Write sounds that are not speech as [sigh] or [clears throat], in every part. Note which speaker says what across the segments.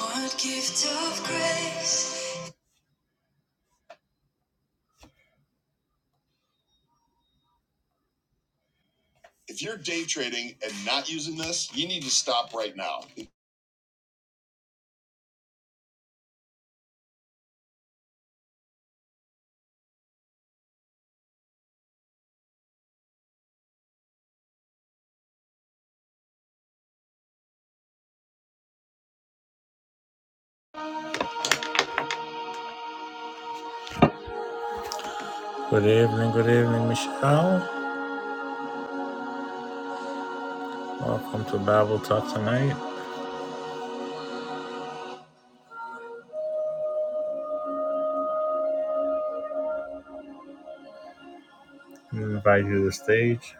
Speaker 1: What gift of grace? If you're day trading and not using this, you need to stop right now. Good evening, good evening, Michelle. Welcome to Bible Talk tonight. I invite you to the stage.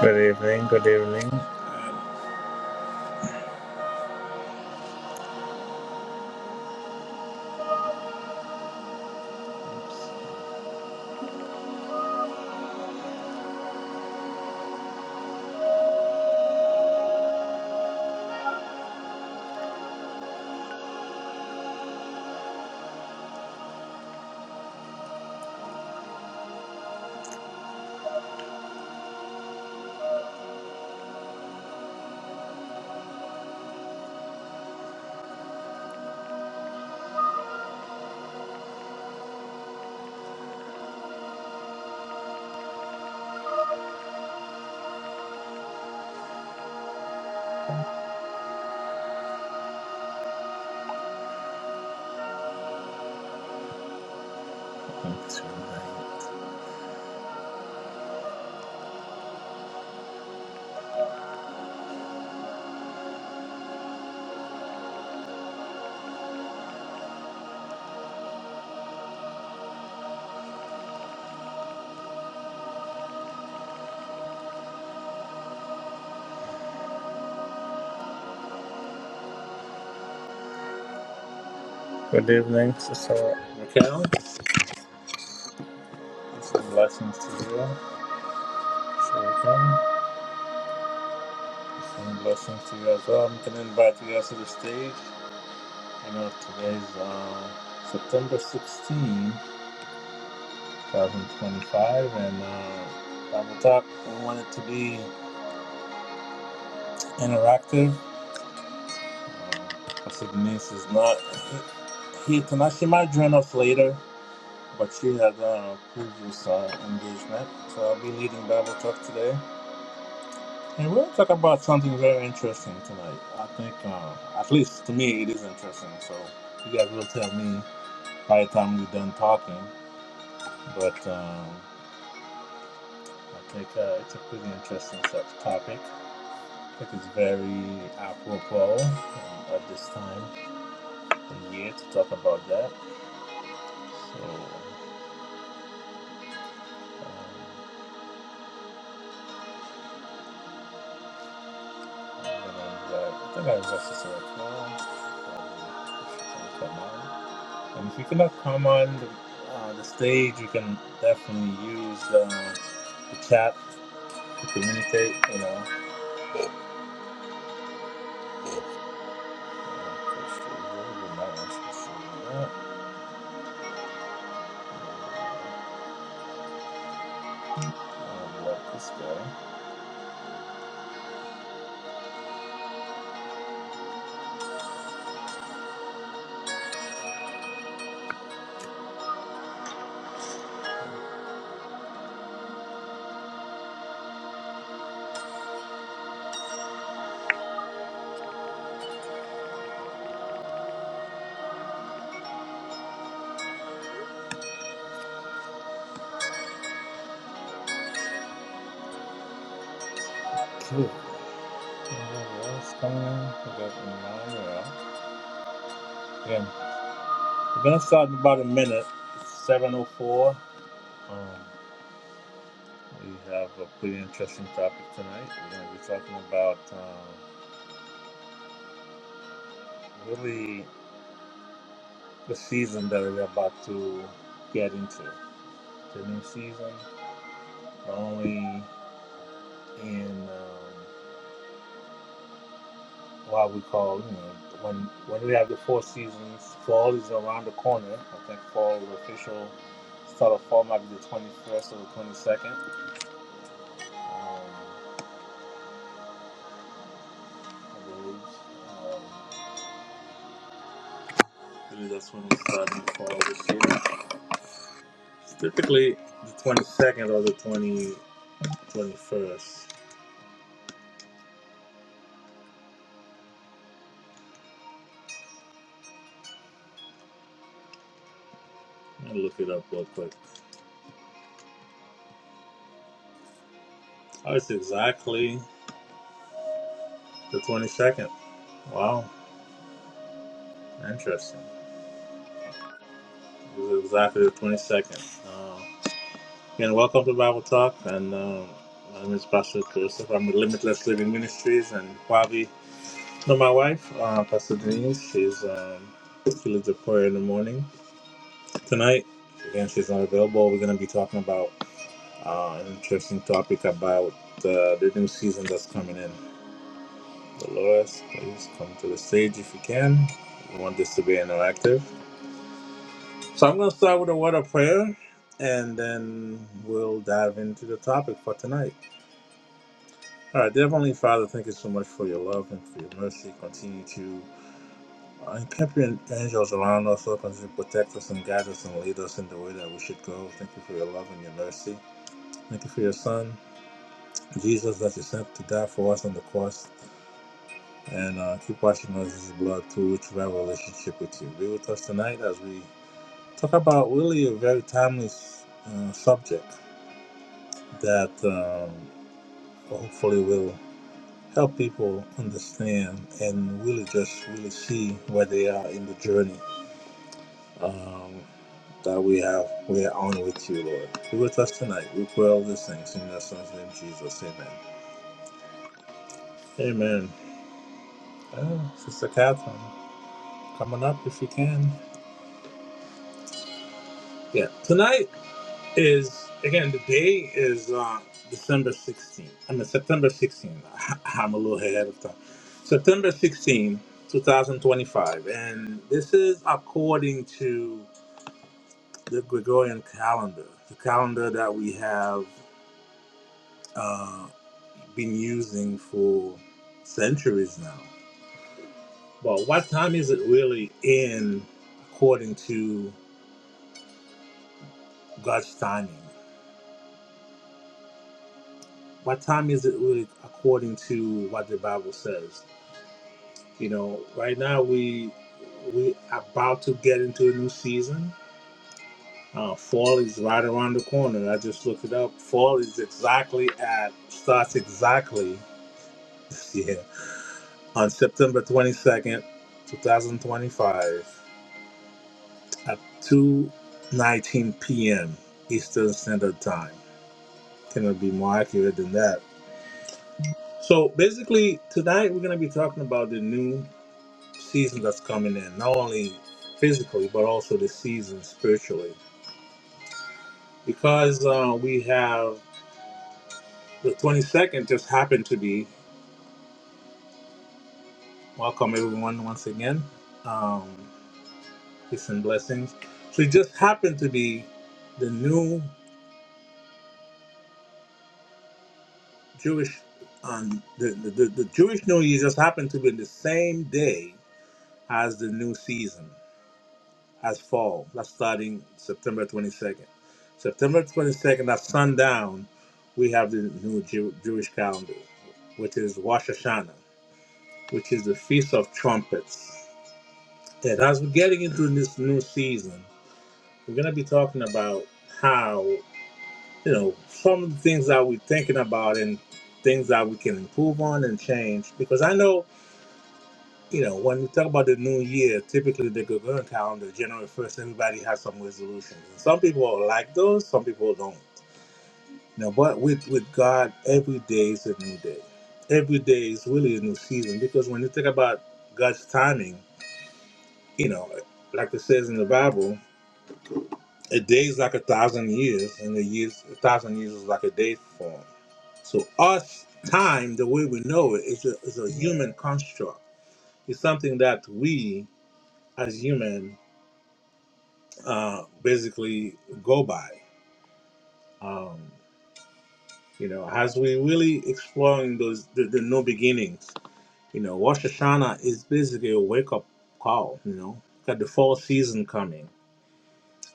Speaker 1: Good evening, good evening. Good evening, Sister Raquel. Some blessings to you. Sister Raquel. Some blessings to you as well. I'm going to invite you guys to the stage. I know today's uh, September 16. 2025, and uh, Bible Talk, we want it to be interactive. Um, Pastor uh, Denise is not here tonight. She might join us later, but she had a previous uh, engagement, so I'll be leading Bible Talk today. And we're going to talk about something very interesting tonight. I think, uh, at least to me, it is interesting. So you guys will tell me by the time we're done talking. But um, I think uh, it's a pretty interesting topic. It is very apropos um, at this time in the year to talk about that. So, um, I'm gonna invite, I think I was just a come on. And if you cannot come on the, uh, the stage, you can definitely use the, the chat to communicate, you know. this Okay. Anyone else coming in? We got Emmanuel. Yeah, we're gonna start in about a minute. It's seven oh four. Um, we have a pretty interesting topic tonight. We're gonna be talking about uh, really the season that we're about to get into. The new season, not only in um, what we call you know when when we have the four seasons. Fall is around the corner. I think fall the official start of fall might be the twenty first or the twenty second. Um, I believe. Um, Usually that's when it's starting to fall this year. It's typically the 22nd or the 20, 21st. Let me look it up real quick. Oh, it's exactly the 22nd. Wow, interesting. It's exactly the 22nd. Uh, again, welcome to Bible Talk. And um, my name is Pastor Joseph. I'm with Limitless Living Ministries. And probably know my wife, uh, Pastor Denise. She's, um, she leads a prayer in the morning. Tonight, again, she's not available. We're going to be talking about Uh, an interesting topic about uh, the new season that's coming in. Dolores, please come to the stage if you can. We want this to be interactive. So I'm going to start with a word of prayer and then we'll dive into the topic for tonight. All right, dear Heavenly Father, thank you so much for your love and for your mercy. Continue to uh, encamp your angels around us, Lord. Continue to protect us and guide us and lead us in the way that we should go. Thank you for your love and your mercy. Thank you for your Son, Jesus, that you sent to die for us on the cross. And uh, keep watching Moses' Blood too, which will have a relationship with you. Be with us tonight as we talk about really a very timely uh, subject that um, hopefully will help people understand and really just really see where they are in the journey um, that we have we are on with you, Lord. Be with us tonight. We pray all these things in your son's name, Jesus. Amen. Amen. Uh, Sister Catherine, coming up if you can. Yeah, tonight. is again the day is uh, December 16th. I mean September 16th. [laughs] I'm a little ahead of time. September 16th, 2025, and this is according to the Gregorian calendar, the calendar that we have uh, been using for centuries now. But what time is it really in according to God's timing? What time is it really according to what the Bible says? You know, right now we we about to get into a new season. Uh, fall is right around the corner. I just looked it up. Fall is exactly at starts exactly [laughs] yeah on September twenty second, two thousand twenty five at two nineteen p.m. Eastern Standard Time. Cannot be more accurate than that. So basically, tonight we're going to be talking about the new. season that's coming in, not only physically, but also the season spiritually. Because uh, we have the 22nd just happened to be, welcome everyone once again, um, peace and blessings. So it just happened to be the new Jewish, um, the, the, the, the Jewish New Year just happened to be the same day as the new season. as fall. That's starting September 22nd. September 22nd at sundown, we have the new Jew- Jewish calendar, which is Rosh Hashanah, which is the Feast of Trumpets. And as we're getting into this new season, we're going to be talking about how, you know, some of the things that we're thinking about and things that we can improve on and change. Because I know you know, when we talk about the new year, typically the Gregorian calendar, January 1st, everybody has some resolutions. And some people like those, some people don't. You know, but with, with God, every day is a new day. Every day is really a new season because when you think about God's timing, you know, like it says in the Bible, a day is like a thousand years, and a, years, a thousand years is like a day for him. So, us time, the way we know it, is a, is a human construct. It's something that we as humans uh, basically go by. Um, you know, as we really exploring those the, the new beginnings, you know, Rosh Hashanah is basically a wake up call. You know, got the fall season coming,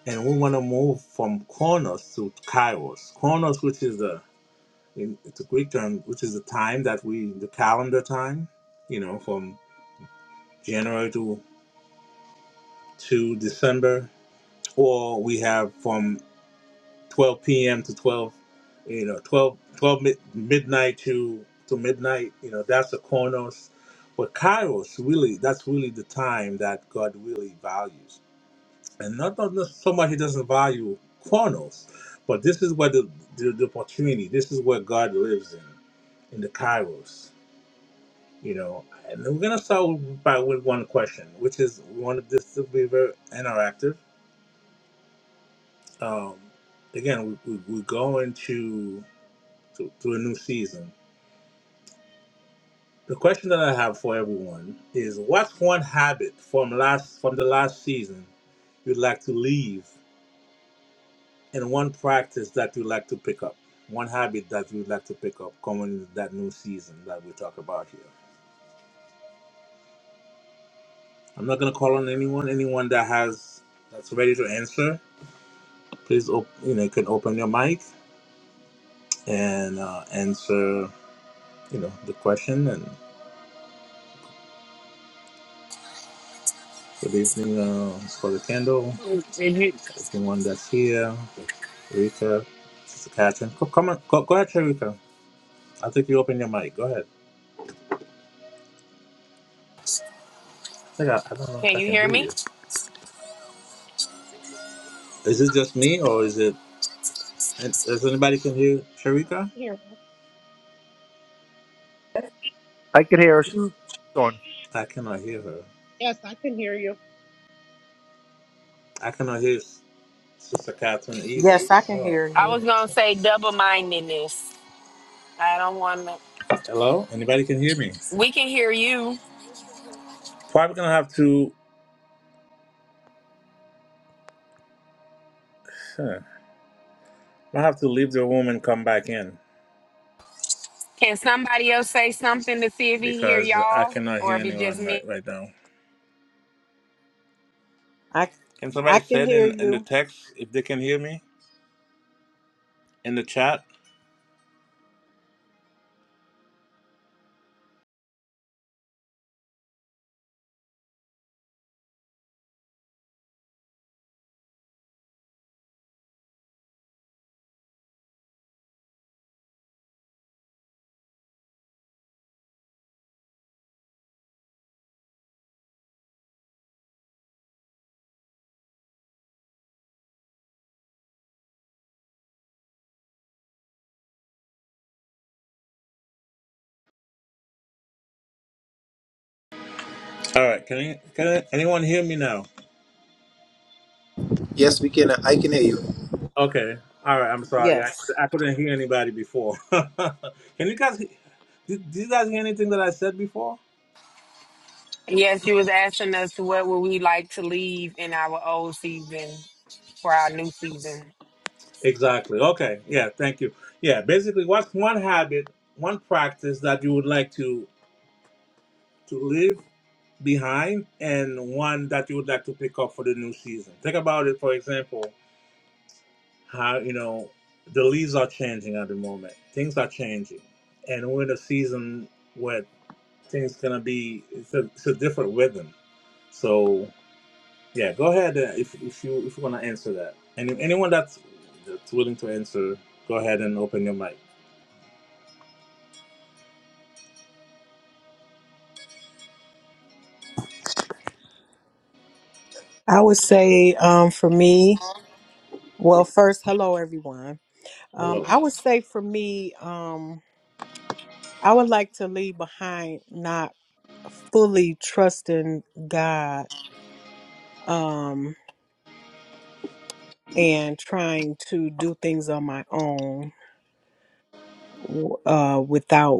Speaker 1: and we want to move from Kronos to Kairos. Kronos, which is the in, it's a Greek term, which is the time that we the calendar time. You know, from January to to December, or we have from 12 p.m. to 12, you know, 12, 12 mid- midnight to to midnight. You know, that's the Kronos. But Kairos, really, that's really the time that God really values. And not, not, not so much he doesn't value Kronos, but this is where the, the, the opportunity, this is where God lives in, in the Kairos, you know. And we're going to start with- by with one question, which is we wanted this to be very interactive. Um, again, we, we, we're going to to, to a new season. The question that I have for everyone is what's one habit from last from the last season you'd like to leave and one practice that you'd like to pick up? One habit that you'd like to pick up coming into that new season that we talk about here. I'm not gonna call on anyone. Anyone that has that's ready to answer, please op- you know, you can open your mic and uh, answer, you know, the question and good evening, uh, Brother Kendall,
Speaker 2: Did you,
Speaker 1: everyone that's here. Rika, Sister Catherine. come on, go, go ahead, Rika. I think you open your mic. Go ahead. I think I, I don't know if
Speaker 2: can
Speaker 1: I
Speaker 2: you
Speaker 1: can
Speaker 2: hear
Speaker 1: hear
Speaker 2: me?
Speaker 1: you. Is it just me or is it? and Does anybody can hear Sharika?
Speaker 3: Here.
Speaker 4: I can hear her. on.
Speaker 1: I cannot hear her.
Speaker 3: Yes, I can hear you.
Speaker 1: I cannot hear S- Sister Catherine either.
Speaker 5: Yes, I can
Speaker 1: Oh,
Speaker 5: hear
Speaker 2: I
Speaker 1: let
Speaker 5: you.
Speaker 2: was
Speaker 1: me.
Speaker 2: gonna say double mindedness. I don't want to.
Speaker 1: Hello, anybody can hear me?
Speaker 2: We can hear you.
Speaker 1: Probably gonna have to. Huh, I have to leave the room and come back in
Speaker 2: Can somebody else say something to see if he hear
Speaker 1: because I
Speaker 2: y'all,
Speaker 1: cannot
Speaker 2: or
Speaker 1: hear
Speaker 2: if it's just
Speaker 1: anyone right,
Speaker 2: me?
Speaker 1: right now.
Speaker 5: I
Speaker 1: Can somebody
Speaker 5: I
Speaker 1: say
Speaker 5: can
Speaker 1: it
Speaker 5: hear
Speaker 1: in in the
Speaker 5: you.
Speaker 1: text if they can hear me in the chat? All right, can any- can I, anyone hear me now?
Speaker 4: Yes, we can. I can hear you.
Speaker 1: Okay. All right. I'm sorry. I
Speaker 5: Yes.
Speaker 1: couldn't, I couldn't hear anybody before. [laughs] can you guys? he- Did, did you guys hear anything that I said before?
Speaker 2: Yes, you was asking us what would we like to leave in our old season for our new season.
Speaker 1: Exactly. Okay. Yeah. Thank you. Yeah. Basically, what's one habit, one practice that you would like to to leave behind, and one that you would like to pick up for the new season? Think about it. For example, how you know the leaves are changing at the moment. Things are changing, and we're in a season where Thing's gonna be it's a, it's a different rhythm. So yeah, go ahead uh, if if you if you wanna answer that. And anyone that's that's willing to answer, go ahead and open your mic.
Speaker 5: I would say um for me, well first hello everyone. Um
Speaker 1: Hello,
Speaker 5: I would say for me um I would like to leave behind not fully trusting God um and trying to do things on my own w- uh without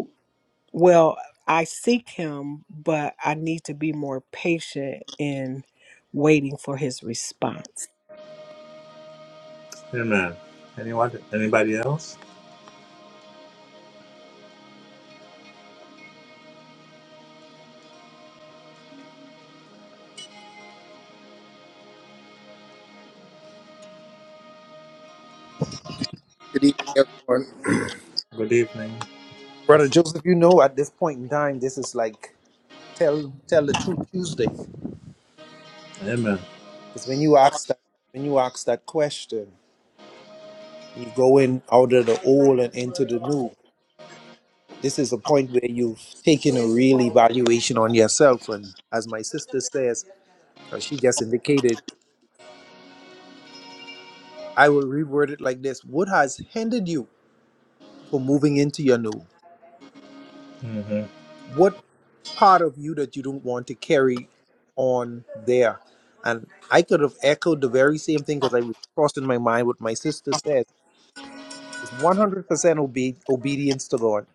Speaker 5: Well, I seek him, but I need to be more patient in waiting for his response.
Speaker 1: Amen. Anyone? Anybody else?
Speaker 4: Good evening, everyone.
Speaker 1: Good evening.
Speaker 4: Brother
Speaker 1: That's
Speaker 4: Joseph, you know at this point in time, this is like tell tell the truth Tuesday. Because
Speaker 1: Amen.
Speaker 4: when you ask that when you ask that question, you go in out of the old and into the new. This is a point where you've taken a real evaluation on yourself. And as my sister says, or she just indicated, I will reword it like this: What has hindered you from moving into your new?
Speaker 1: Mhm.
Speaker 4: what part of you that you don't want to carry on there? And I could have echoed the very same thing because I was crossing my mind what my sister said. It's 100% obe- obedience to God.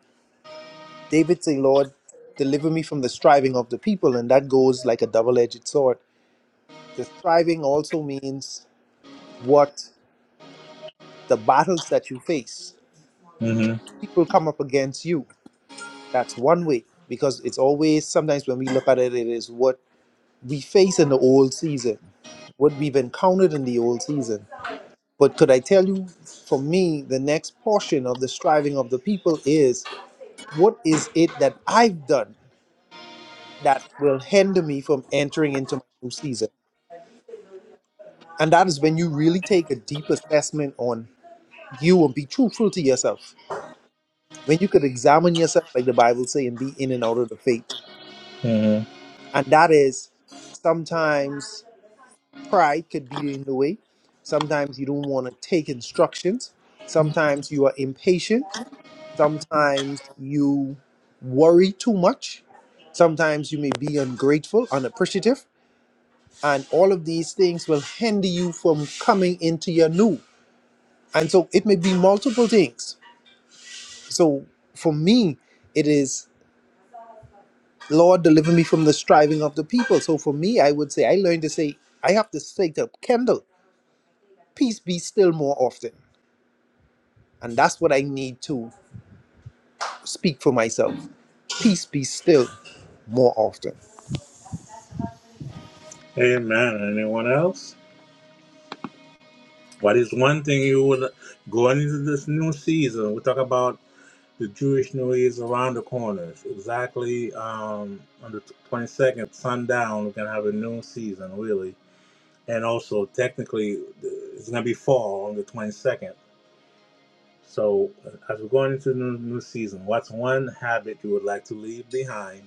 Speaker 4: David say, Lord, deliver me from the striving of the people. And that goes like a double-edged sword. The striving also means what the battles that you face.
Speaker 1: Mhm.
Speaker 4: People come up against you. That's one way because it's always, sometimes when we look at it, it is what we face in the old season what we've encountered in the old season. But could I tell you, for me, the next portion of the striving of the people is what is it that I've done that will hinder me from entering into my new season? And that is when you really take a deep assessment on you and be truthful to yourself. When you could examine yourself, like the Bible says, and be in and out of the faith.
Speaker 1: Mhm.
Speaker 4: And that is sometimes pride could be in the way. Sometimes you don't want to take instructions. Sometimes you are impatient Sometimes you worry too much. Sometimes you may be ungrateful, unappreciative, and all of these things will hinder you from coming into your new. And so it may be multiple things. So for me, it is, Lord, deliver me from the striving of the people. So for me, I would say, I learned to say, I have to say to Kendall, peace be still more often. And that's what I need to speak for myself. Peace be still more often.
Speaker 1: Amen. Anyone else? What is one thing you would going into this new season? We talk about. The Jewish New Year is around the corner. It's Exactly um, on the 22nd, sundown, we're going to have a new season, really. And also, technically, the- it's going to be fall on the 22nd. So, uh, as we're going into the new, new season, what's one habit you would like to leave behind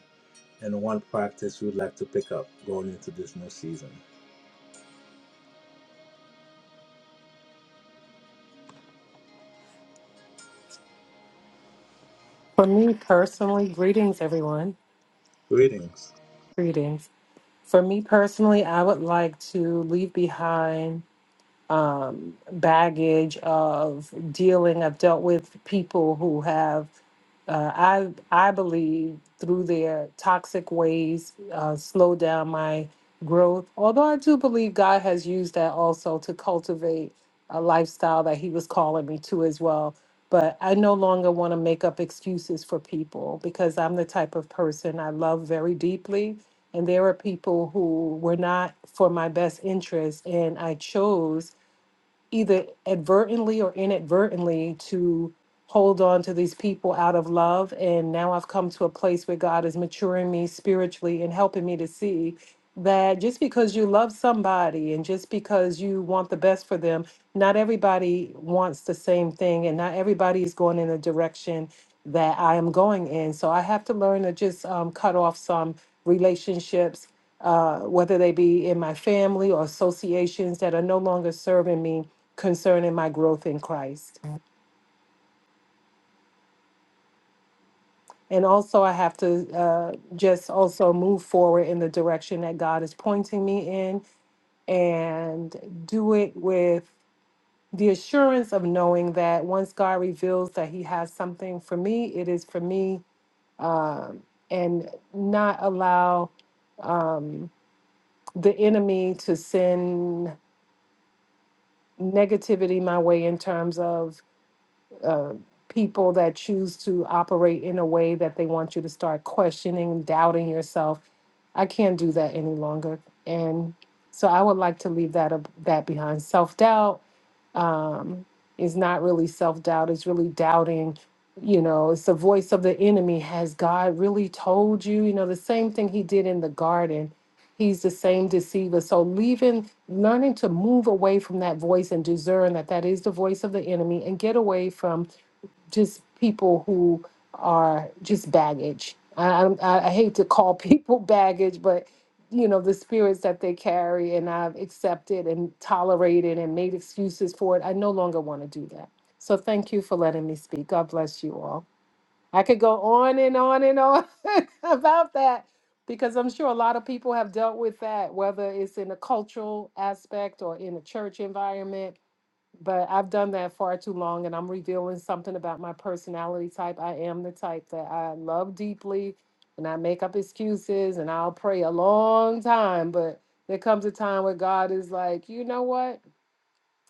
Speaker 1: and one practice you would like to pick up going into this new season?
Speaker 6: For me personally, greetings, everyone.
Speaker 1: Greetings.
Speaker 6: Greetings. For me personally, I would like to leave behind baggage of dealing. I've dealt with people who have uh, I I believe through their toxic ways uh, slow down my growth. Although I do believe God has used that also to cultivate a lifestyle that He was calling me to as well. But I no longer want to make up excuses for people because I'm the type of person I love very deeply. And there are people who were not for my best interest. And I chose either advertently or inadvertently to hold on to these people out of love. And now I've come to a place where God is maturing me spiritually and helping me to see that just because you love somebody and just because you want the best for them, not everybody wants the same thing and not everybody is going in the direction that I am going in. So I have to learn to just um, cut off some relationships, uh, whether they be in my family or associations that are no longer serving me concerning my growth in Christ. And also, I have to uh, just also move forward in the direction that God is pointing me in and do it with the assurance of knowing that once God reveals that He has something for me, it is for me, um, and not allow um, the enemy to send negativity my way in terms of uh, people that choose to operate in a way that they want you to start questioning, doubting yourself. I can't do that any longer, and so I would like to leave that ab- that behind. Self doubt um, is not really self doubt; it's really doubting. You know, it's the voice of the enemy. Has God really told you? You know, the same thing He did in the garden. He's the same deceiver. So leaving, learning to move away from that voice and discern that that is the voice of the enemy, and get away from just people who are just baggage. I, I, I hate to call people [laughs] baggage, but you know the spirits that they carry, and I've accepted and tolerated and made excuses for it. I no longer want to do that. So thank you for letting me speak. God bless you all. I could go on and on and on [laughs] about that because I'm sure a lot of people have dealt with that, whether it's in a cultural aspect or in a church environment but I've done that far too long and I'm revealing something about my personality type. I am the type that I love deeply and I make up excuses and I'll pray a long time, but there comes a time where God is like, you know what?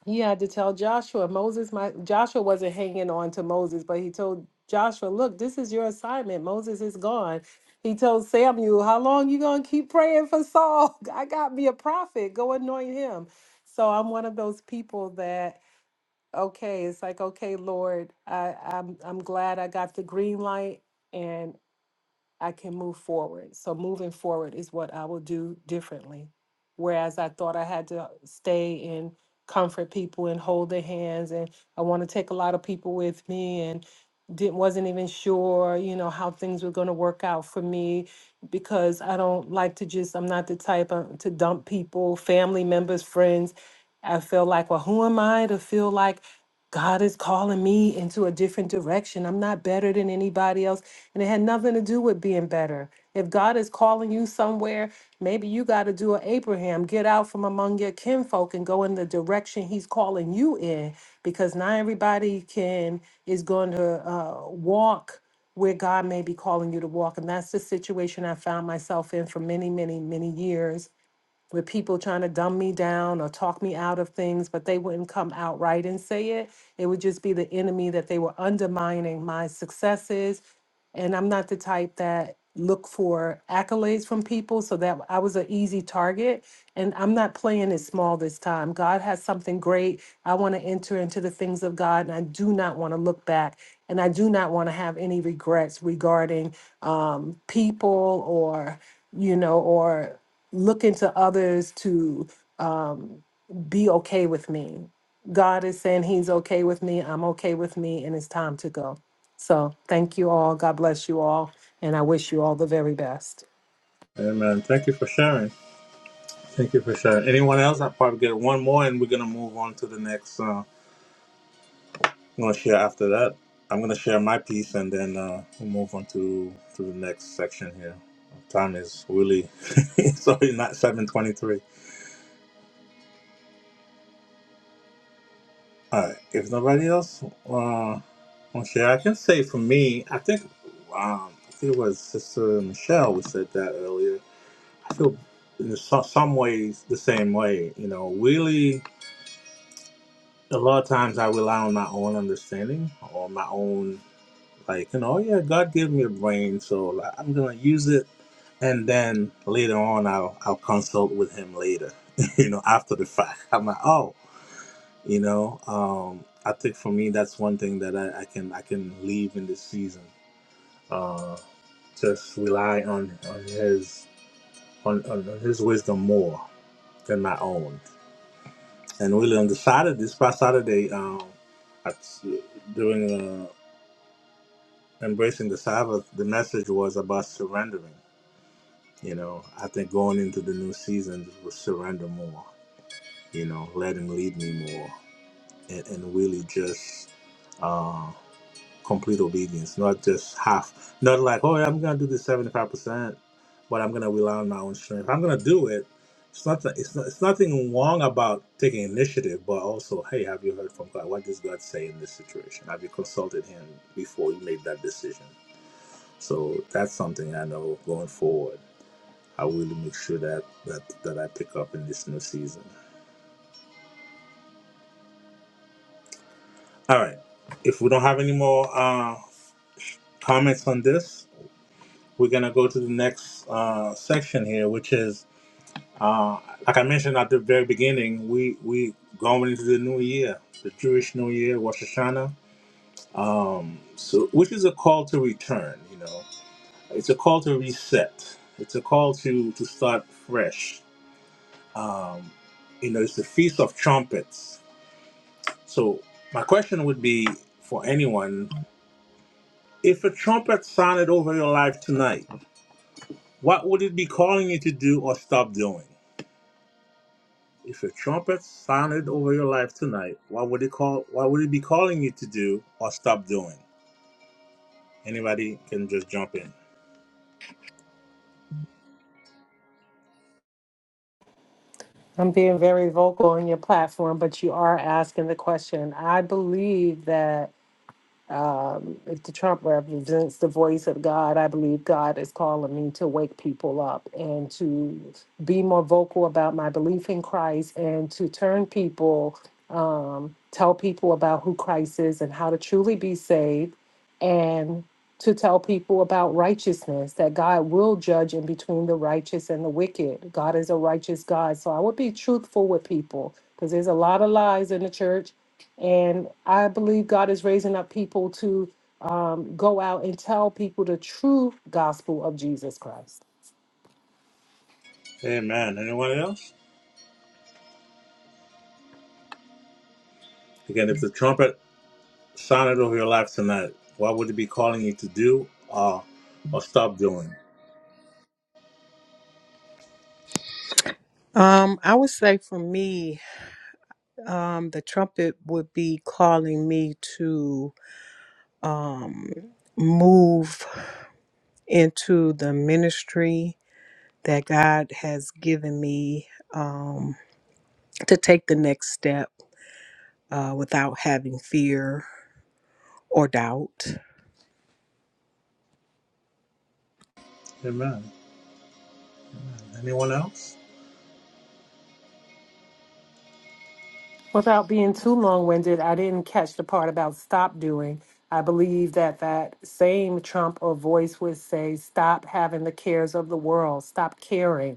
Speaker 6: He had to tell Joshua, Moses, my Joshua wasn't hanging on to Moses, but he told Joshua, look, this is your assignment. Moses is gone. He told Samuel, how long you gonna keep praying for Saul? [laughs] I got me a prophet. Go anoint him. So I'm one of those people that okay it's like okay lord i i'm i'm glad i got the green light and I can move forward. So moving forward is what I will do differently. Whereas I thought I had to stay and comfort people and hold their hands and I want to take a lot of people with me and didn't wasn't even sure, you know, how things were going to work out for me because I don't like to just I'm not the type uh, to dump people, family members, friends. I feel like, well, who am I to feel like God is calling me into a different direction? I'm not better than anybody else. And it had nothing to do with being better. If God is calling you somewhere, maybe you got to do an Abraham, get out from among your kinfolk and go in the direction He's calling you in, because not everybody can is going to uh, walk where God may be calling you to walk. And that's the situation I found myself in for many, many, many years, with people trying to dumb me down or talk me out of things, but they wouldn't come outright and say it. It would just be the enemy that they were undermining my successes and I'm not the type that look for accolades from people. So that I was an easy target, and I'm not playing it small this time. God has something great. I want to enter into the things of God, and I do not want to look back, and I do not want to have any regrets regarding um, people or you know or looking to others to um, be okay with me. God is saying He's okay with me. I'm okay with me, and it's time to go. So thank you all. God bless you all, and I wish you all the very best.
Speaker 1: Amen. Thank you for sharing. Thank you for sharing. Anyone else? I'll probably get one more and we're going to move on to the next. Uh, I'm gonna share after that. I'm gonna share my piece and then uh, we'll move on to to the next section here. Time is really [laughs] sorry, not seven twenty-three. All right. If nobody else uh, want to share, I can say for me, I think um, I think it was Sister Michelle who said that earlier. I feel in some, some ways the same way. You know, really, a lot of times I rely on my own understanding or my own Like, you know, "Oh, yeah, God gave me a brain, so like, I'm gonna use it, and then later on, I'll I'll consult with Him later. [laughs] you know, after the fact, I'm like, oh, you know, um, I think for me, that's one thing that I, I can I can leave in this season. Uh, just rely on on His on, on on His wisdom more than my own. And really on the Saturday, this past Saturday, um, at, during uh, embracing the Sabbath, the message was about surrendering. You know, I think going into the new season was surrender more, you know, let him lead me more and, and really just uh, complete obedience, not just half, not like, oh, yeah, I'm going to do this 75%, but I'm going to rely on my own strength. I'm going to do it. It's not, it's not, it's nothing wrong about taking initiative, but also, hey, have you heard from God? What does God say in this situation? Have you consulted Him before you made that decision? So that's something I know going forward. I will really make sure that that that I pick up in this new season. All right. If we don't have any more uh, comments on this, we're gonna go to the next uh, section here, which is uh, like I mentioned at the very beginning, we we going into the new year, the Jewish New Year, Rosh Hashanah, um, so which is a call to return. You know, it's a call to reset. It's a call to to start fresh. Um, you know, it's the Feast of Trumpets So, my question would be for anyone if a trumpet sounded over your life tonight, what would it be calling you to do or stop doing? If a trumpet sounded over your life tonight, what would it call what would it be calling you to do or stop doing? Anybody can just jump in.
Speaker 6: I'm being very vocal on your platform, but you are asking the question. I believe that um, if the Trump represents the voice of God, I believe God is calling me to wake people up and to be more vocal about my belief in Christ and to turn people, um, tell people about who Christ is and how to truly be saved and to tell people about righteousness that God will judge in between the righteous and the wicked. God is a righteous God. So I would be truthful with people because there's a lot of lies in the church. And I believe God is raising up people to um, go out and tell people the true gospel of Jesus Christ.
Speaker 1: Amen. Anyone else? Again, if the trumpet sounded over your life tonight, what would it be calling you to do or or stop doing?
Speaker 5: Um, I would say for me, um, the trumpet would be calling me to um, move into the ministry that God has given me um, to take the next step uh, without having fear or doubt.
Speaker 1: Amen. Anyone else?
Speaker 6: Without being too long winded, I didn't catch the part about stop doing. I believe that that same trump or voice would say, stop having the cares of the world, stop caring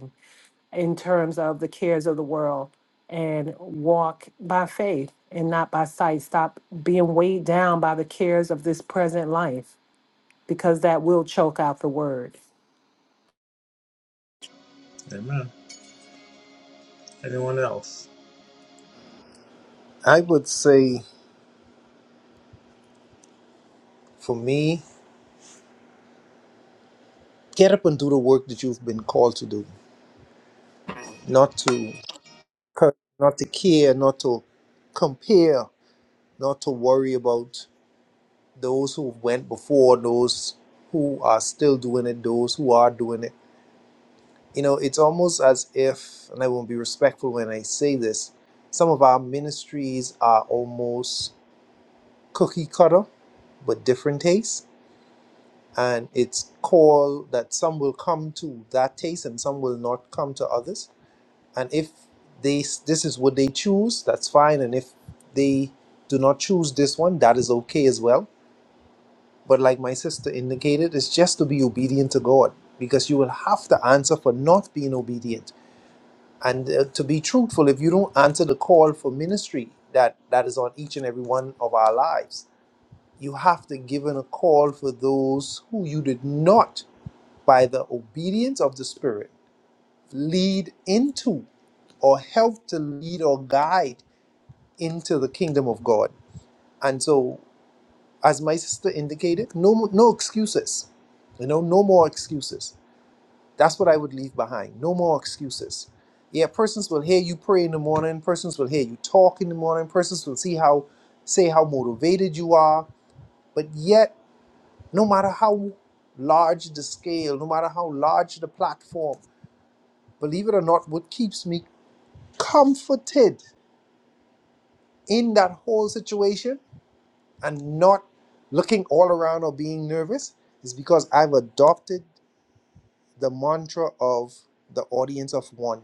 Speaker 6: in terms of the cares of the world and walk by faith and not by sight. Stop being weighed down by the cares of this present life because that will choke out the word.
Speaker 1: Amen. Anyone else?
Speaker 4: I would say For me, get up and do the work that you've been called to do. Not to cur- not to care, not to compare, not to worry about those who went before, those who are still doing it, those who are doing it. You know, it's almost as if, and I won't be respectful when I say this, some of our ministries are almost cookie cutter, but different tastes. And it's called that some will come to that taste and some will not come to others and if they this is what they choose that's fine and if they do not choose this one that is okay as well but like my sister indicated it's just to be obedient to god because you will have to answer for not being obedient and uh, to be truthful if you don't answer the call for ministry that that is on each and every one of our lives you have to give in a call for those who you did not by the obedience of the spirit lead into or help to lead or guide into the kingdom of God. And so, as my sister indicated, no, no excuses. You know, no more excuses. That's what I would leave behind. No more excuses. Yeah, persons will hear you pray in the morning. Persons will hear you talk in the morning. Persons will see how, say how motivated you are. But yet, no matter how large the scale, no matter how large the platform, believe it or not, what keeps me comforted in that whole situation and not looking all around or being nervous is because I've adopted the mantra of the audience of one.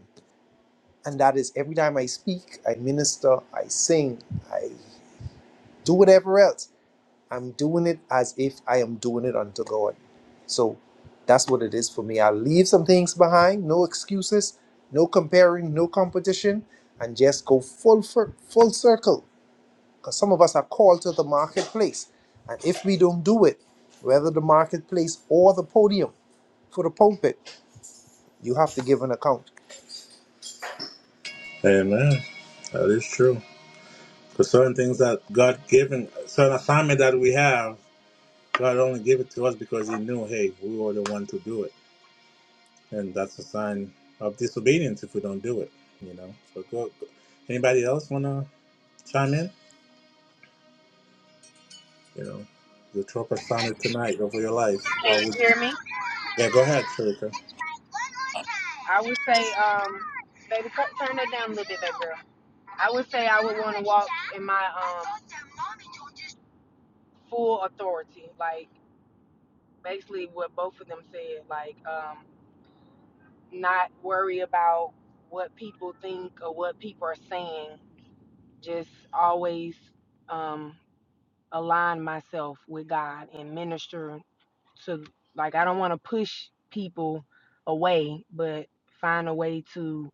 Speaker 4: And that is every time I speak, I minister, I sing, I do whatever else, I'm doing it as if I am doing it unto God. So that's what it is for me. I leave some things behind, no excuses, no comparing, no competition, and just go full, fir- full circle because some of us are called to the marketplace. And if we don't do it, whether the marketplace or the podium for the pulpit, you have to give an account.
Speaker 1: Amen. That is true. For certain things that God given, certain assignment that we have, God only gave it to us because He knew, hey, we were the one to do it, and that's a sign of disobedience if we don't do it. You know. So go. go- Anybody else wanna chime in? You know, the tropa sounded tonight over your life. Why
Speaker 2: Can
Speaker 1: would
Speaker 2: you
Speaker 1: you?
Speaker 2: hear me?
Speaker 1: Yeah, go ahead, Sharika.
Speaker 2: I would say, um, baby, cut. turn that down a little bit, baby girl. I would say I would want to walk in my um full authority. Like basically what both of them said. Like um, not worry about what people think or what people are saying. Just always um, align myself with God and minister to. Like I don't want to push people away, but find a way to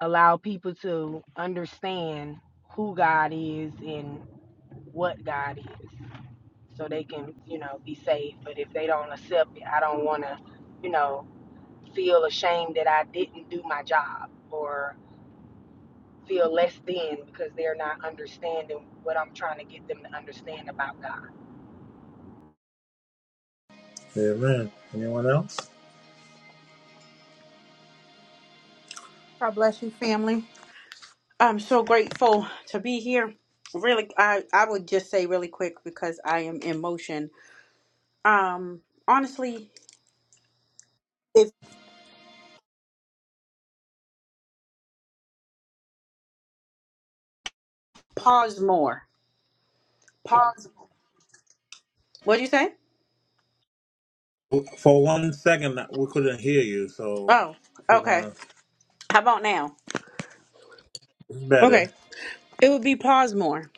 Speaker 2: allow people to understand who God is and what God is. so they can, you know, be saved. But if they don't accept it, I don't want to, you know, feel ashamed that I didn't do my job or feel less than because they're not understanding what I'm trying to get them to understand about God.
Speaker 1: Amen. Anyone else?
Speaker 7: God bless you, family. I'm so grateful to be here. Really, I, I would just say really quick because I am in motion. Um, honestly, if pause more, pause. What do you say?
Speaker 1: For one second, we couldn't hear you, so
Speaker 7: Oh,
Speaker 1: if you
Speaker 7: okay.
Speaker 1: wanna,
Speaker 7: How about now?
Speaker 1: it's better.
Speaker 7: Okay, it would be pause more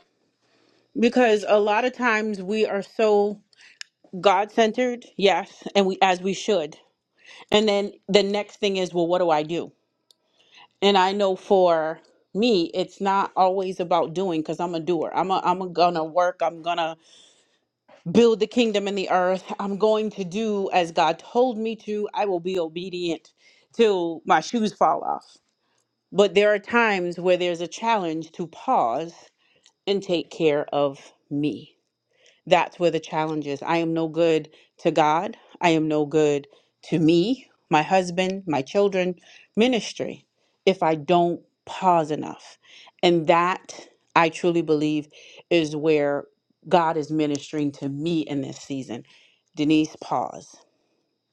Speaker 7: because a lot of times we are so God centered, yes, and we as we should. And then the next thing is, well, what do I do? and I know for me, it's not always about doing because I'm a doer. I'm a, I'm a gonna work. I'm gonna build the kingdom in the earth. I'm going to do as God told me to. I will be obedient till my shoes fall off. But there are times where there's a challenge to pause and take care of me. That's where the challenge is. I am no good to God. I am no good to me, my husband, my children, ministry, if I don't pause enough. And that I truly believe is where God is ministering to me in this season. Denise, pause.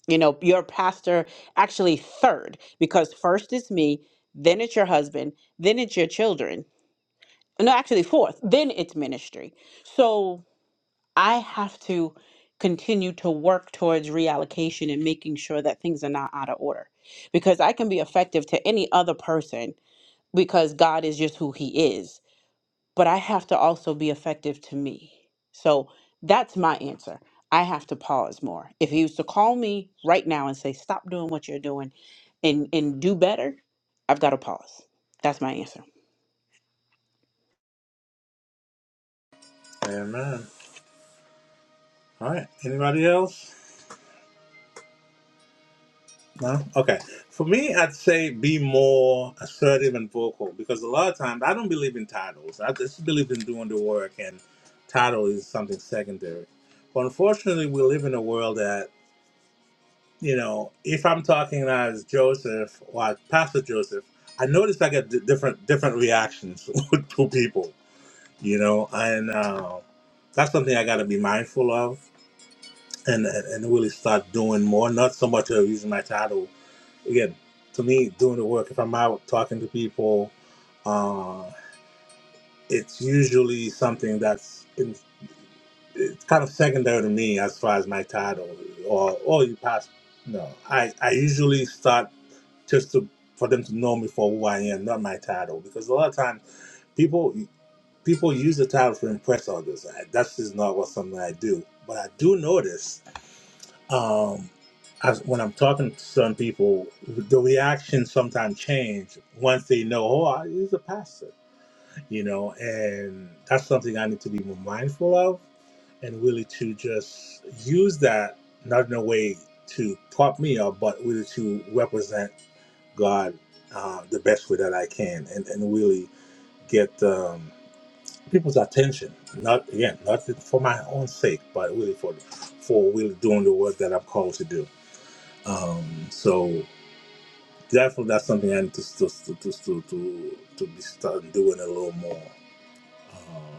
Speaker 7: You know, your pastor actually third, because first is me, then it's your husband, then it's your children. No, actually fourth, then it's ministry. So I have to continue to work towards reallocation and making sure that things are not out of order because I can be effective to any other person because God is just who He is, but I have to also be effective to me. So that's my answer. I have to pause more. If He was to call me right now and say, stop doing what you're doing and, and do better, I've got to pause. That's my answer.
Speaker 1: Amen. All right. Anybody else? No? Okay. For me, I'd say be more assertive and vocal because a lot of times I don't believe in titles. I just believe in doing the work, and title is something secondary. But unfortunately, we live in a world that, you know, if I'm talking as Joseph or as Pastor Joseph, I notice I get d- different different reactions [laughs] to people, you know, and uh, that's something I got to be mindful of and, and and really start doing more. Not so much of using my title. Again, to me, doing the work. If I'm out talking to people, uh, it's usually something that's in, it's kind of secondary to me as far as my title or or you pass. No, I I usually start just to for them to know me for who I am, not my title, because a lot of times people people use the title to impress others. I, that's just not what something I do. But I do notice um, as when I'm talking to some people, the reaction sometimes change once they know, oh, I- he's a pastor, you know, and that's something I need to be more mindful of and really to just use that not in a way to prop me up, but really to represent God uh, the best way that I can and, and really get um, people's attention. Not again, not for my own sake, but really for for really doing the work that I'm called to do. Um, so definitely that's something I need to to to to to, to, be start doing a little more. Uh,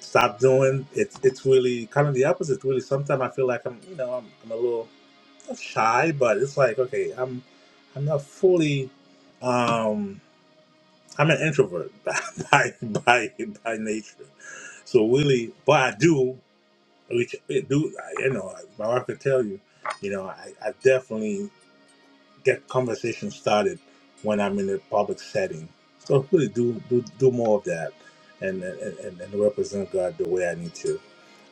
Speaker 1: stop doing it's it's really kind of the opposite. Really, sometimes I feel like I'm you know I'm, I'm a little not shy, but it's like okay I'm I'm not fully um I'm an introvert [laughs] by by by, by nature. So really, but I do, which I do, I, you know, my wife can tell you, you know, I, I definitely. that conversation started when I'm in a public setting. So really do do, do more of that and, and and represent God the way I need to.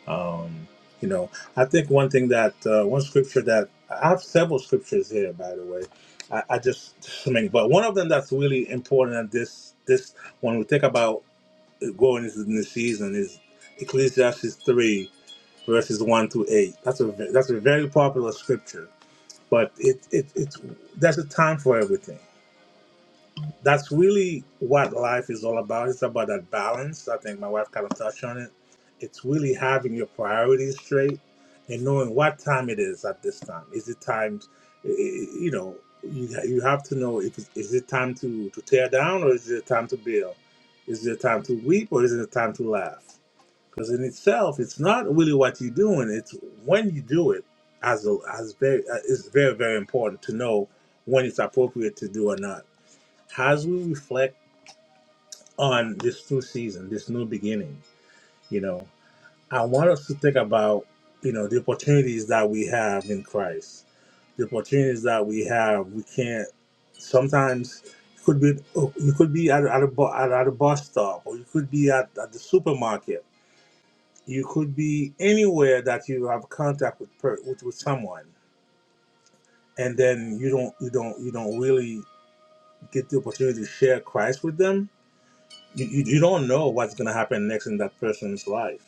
Speaker 1: Um, you know, I think one thing that uh, one scripture that I have several scriptures here, by the way. I, I just so many, but one of them that's really important at this this when we think about going into the new season is Ecclesiastes three verses one to eight. That's a ve- that's a very popular scripture but it, it, it there's a time for everything that's really what life is all about it's about that balance i think my wife kind of touched on it it's really having your priorities straight and knowing what time it is at this time is it time you know you, you have to know if it's- is it time to, to tear down or is it time to build is it time to weep or is it time to laugh because in itself, it's not really what you're doing; it's when you do it. As a, as very, uh, it's very very important to know when it's appropriate to do or not. As we reflect on this new season, this new beginning, you know, I want us to think about you know the opportunities that we have in Christ, the opportunities that we have. We can't sometimes. it Could be you could be at, at a bu- at, at a bus stop, or you could be at, at the supermarket, you could be anywhere that you have contact with per, with, with someone and then you don't you don't you don't really get the opportunity to share christ with them you, you, you don't know what's going to happen next in that person's life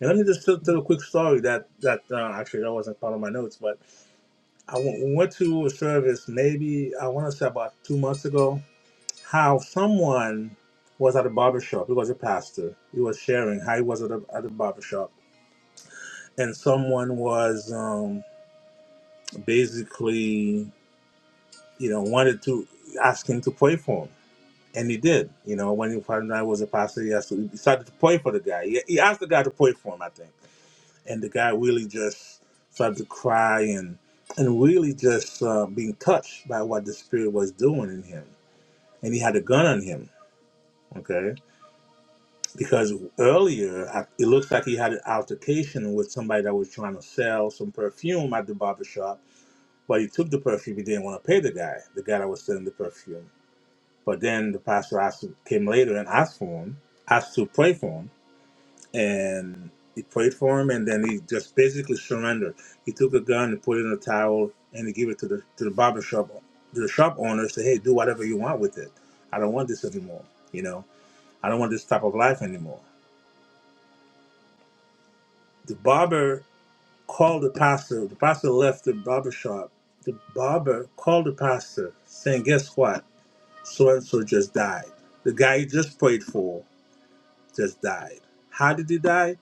Speaker 1: and let me just tell, tell a quick story that that uh, actually that wasn't part of my notes but i w- went to a service maybe i want to say about two months ago how someone was at a barber shop. he was a pastor he was sharing how he was at a, at a barber shop, and someone was um, basically, you know, wanted to ask him to pray for him. And he did. You know, when he found out I was a pastor, he, asked, he started to pray for the guy. He, he asked the guy to pray for him, I think. And the guy really just started to cry and and really just uh, being touched by what the spirit was doing in him. And he had a gun on him, okay? Because earlier, I- it looks like he had an altercation with somebody that was trying to sell some perfume at the barbershop But he took the perfume. He didn't want to pay the guy, the guy that was selling the perfume. But then the pastor asked, came later and asked for him, asked to pray for him, and he prayed for him. And then he just basically surrendered. He took a gun and put it in a towel, and he gave it to the to the barber shop, to the shop owner. Say, hey, do whatever you want with it. I don't want this anymore. You know, I don't want this type of life anymore. The barber called the pastor. The pastor left the barber shop. The barber called the pastor, saying, guess what? so and so just died. The guy you just prayed for just died. How did he die?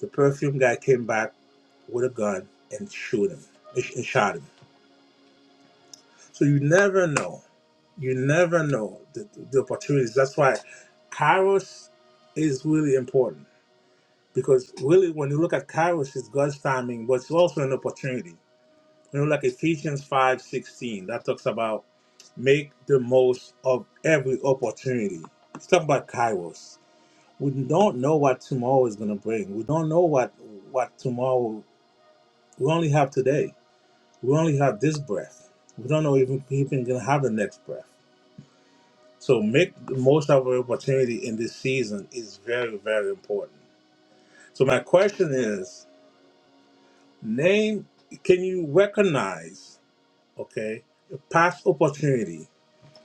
Speaker 1: The perfume guy came back with a gun and shoot him and shot him. So you never know. You never know the, the opportunities. That's why Kairos is really important because really, when you look at Kairos, it's God's timing, but it's also an opportunity. You know, like Ephesians five sixteen that talks about make the most of every opportunity. It's talking about Kairos we don't know what tomorrow is going to bring. We don't know what what tomorrow. We only have today. We only have this breath. We don't know even even going to have the next breath. So make the most of our opportunity in this season is very very important. So my question is, name can you recognize okay a past opportunity,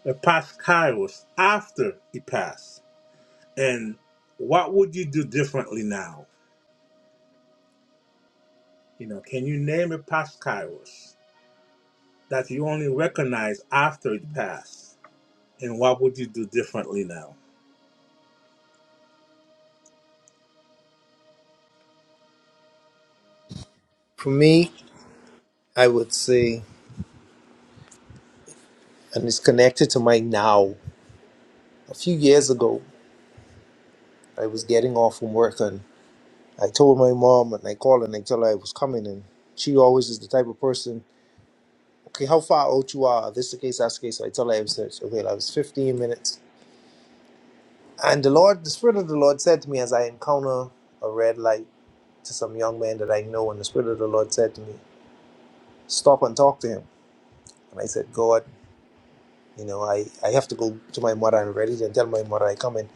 Speaker 1: a past kairos after it passed, and what would you do differently now? You know, can you name a past kairos? that you only recognize after it passed. And what would you do differently now?
Speaker 4: For me, I would say, and it's connected to my now. A few years ago, I was getting off from work and I told my mom and I called and I told her I was coming. And she always is the type of person, okay, how far out you are? This the case, that's the case. So I tell her I was, okay, I was 15 minutes. And the Lord, the Spirit of the Lord said to me as I encounter a red light, to some young man that I know, and the Spirit of the Lord said to me, Stop and talk to him. And I said, God, you know, I, I have to go to my mother and ready and tell my mother I come in.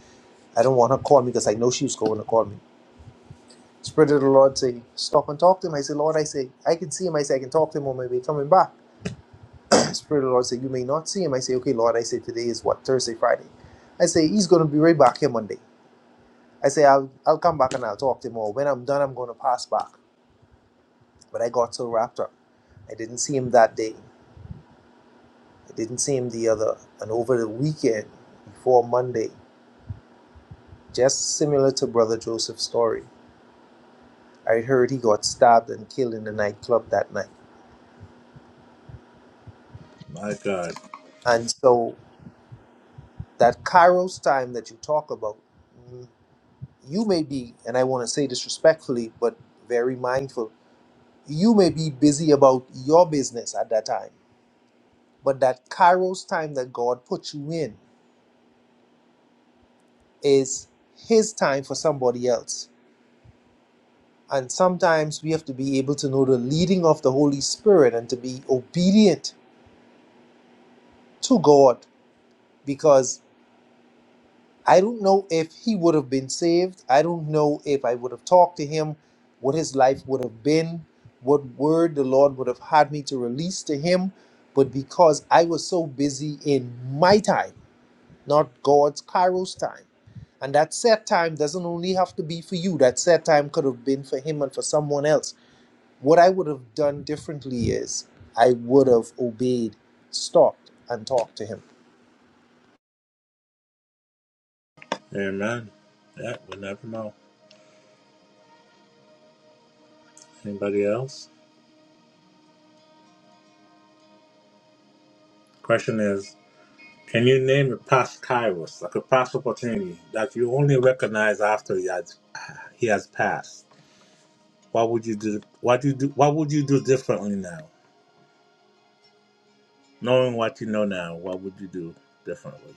Speaker 4: I don't want her to call me because I know she was going to call me. Spirit of the Lord say, Stop and talk to him. I say, Lord, I say, I can see him. I say, I can talk to him on my way coming back. [clears throat] Spirit of the Lord say, You may not see him. I say, Okay, Lord, I say, Today is what? Thursday, Friday. I say, He's going to be right back here Monday. I say, I'll, I'll come back and I'll talk to him. Or when I'm done, I'm going to pass back. But I got so wrapped up. I didn't see him that day. It didn't seem the other. And over the weekend, before Monday, just similar to Brother Joseph's story, I heard he got stabbed and killed in the nightclub that night.
Speaker 1: My God.
Speaker 4: And so that Kairos time that you talk about, mm, you may be, and I want to say this respectfully, but very mindful, you may be busy about your business at that time. But that Kairos time that God put you in is his time for somebody else. And sometimes we have to be able to know the leading of the Holy Spirit and to be obedient to God because I don't know if he would have been saved. I don't know if I would have talked to him, what his life would have been, what word the Lord would have had me to release to him. But because I was so busy in my time, not God's Kairos time. And that set time doesn't only have to be for you, that set time could have been for him and for someone else What I would have done differently is I would have obeyed, stopped, and talked to him.
Speaker 1: Amen. Yeah, we never know. Anybody else? Question is, can you name a past kairos, like a past opportunity that you only recognize after he has he has passed? What would you do what do you do what would you do differently now? Knowing what you know now, what would you do differently?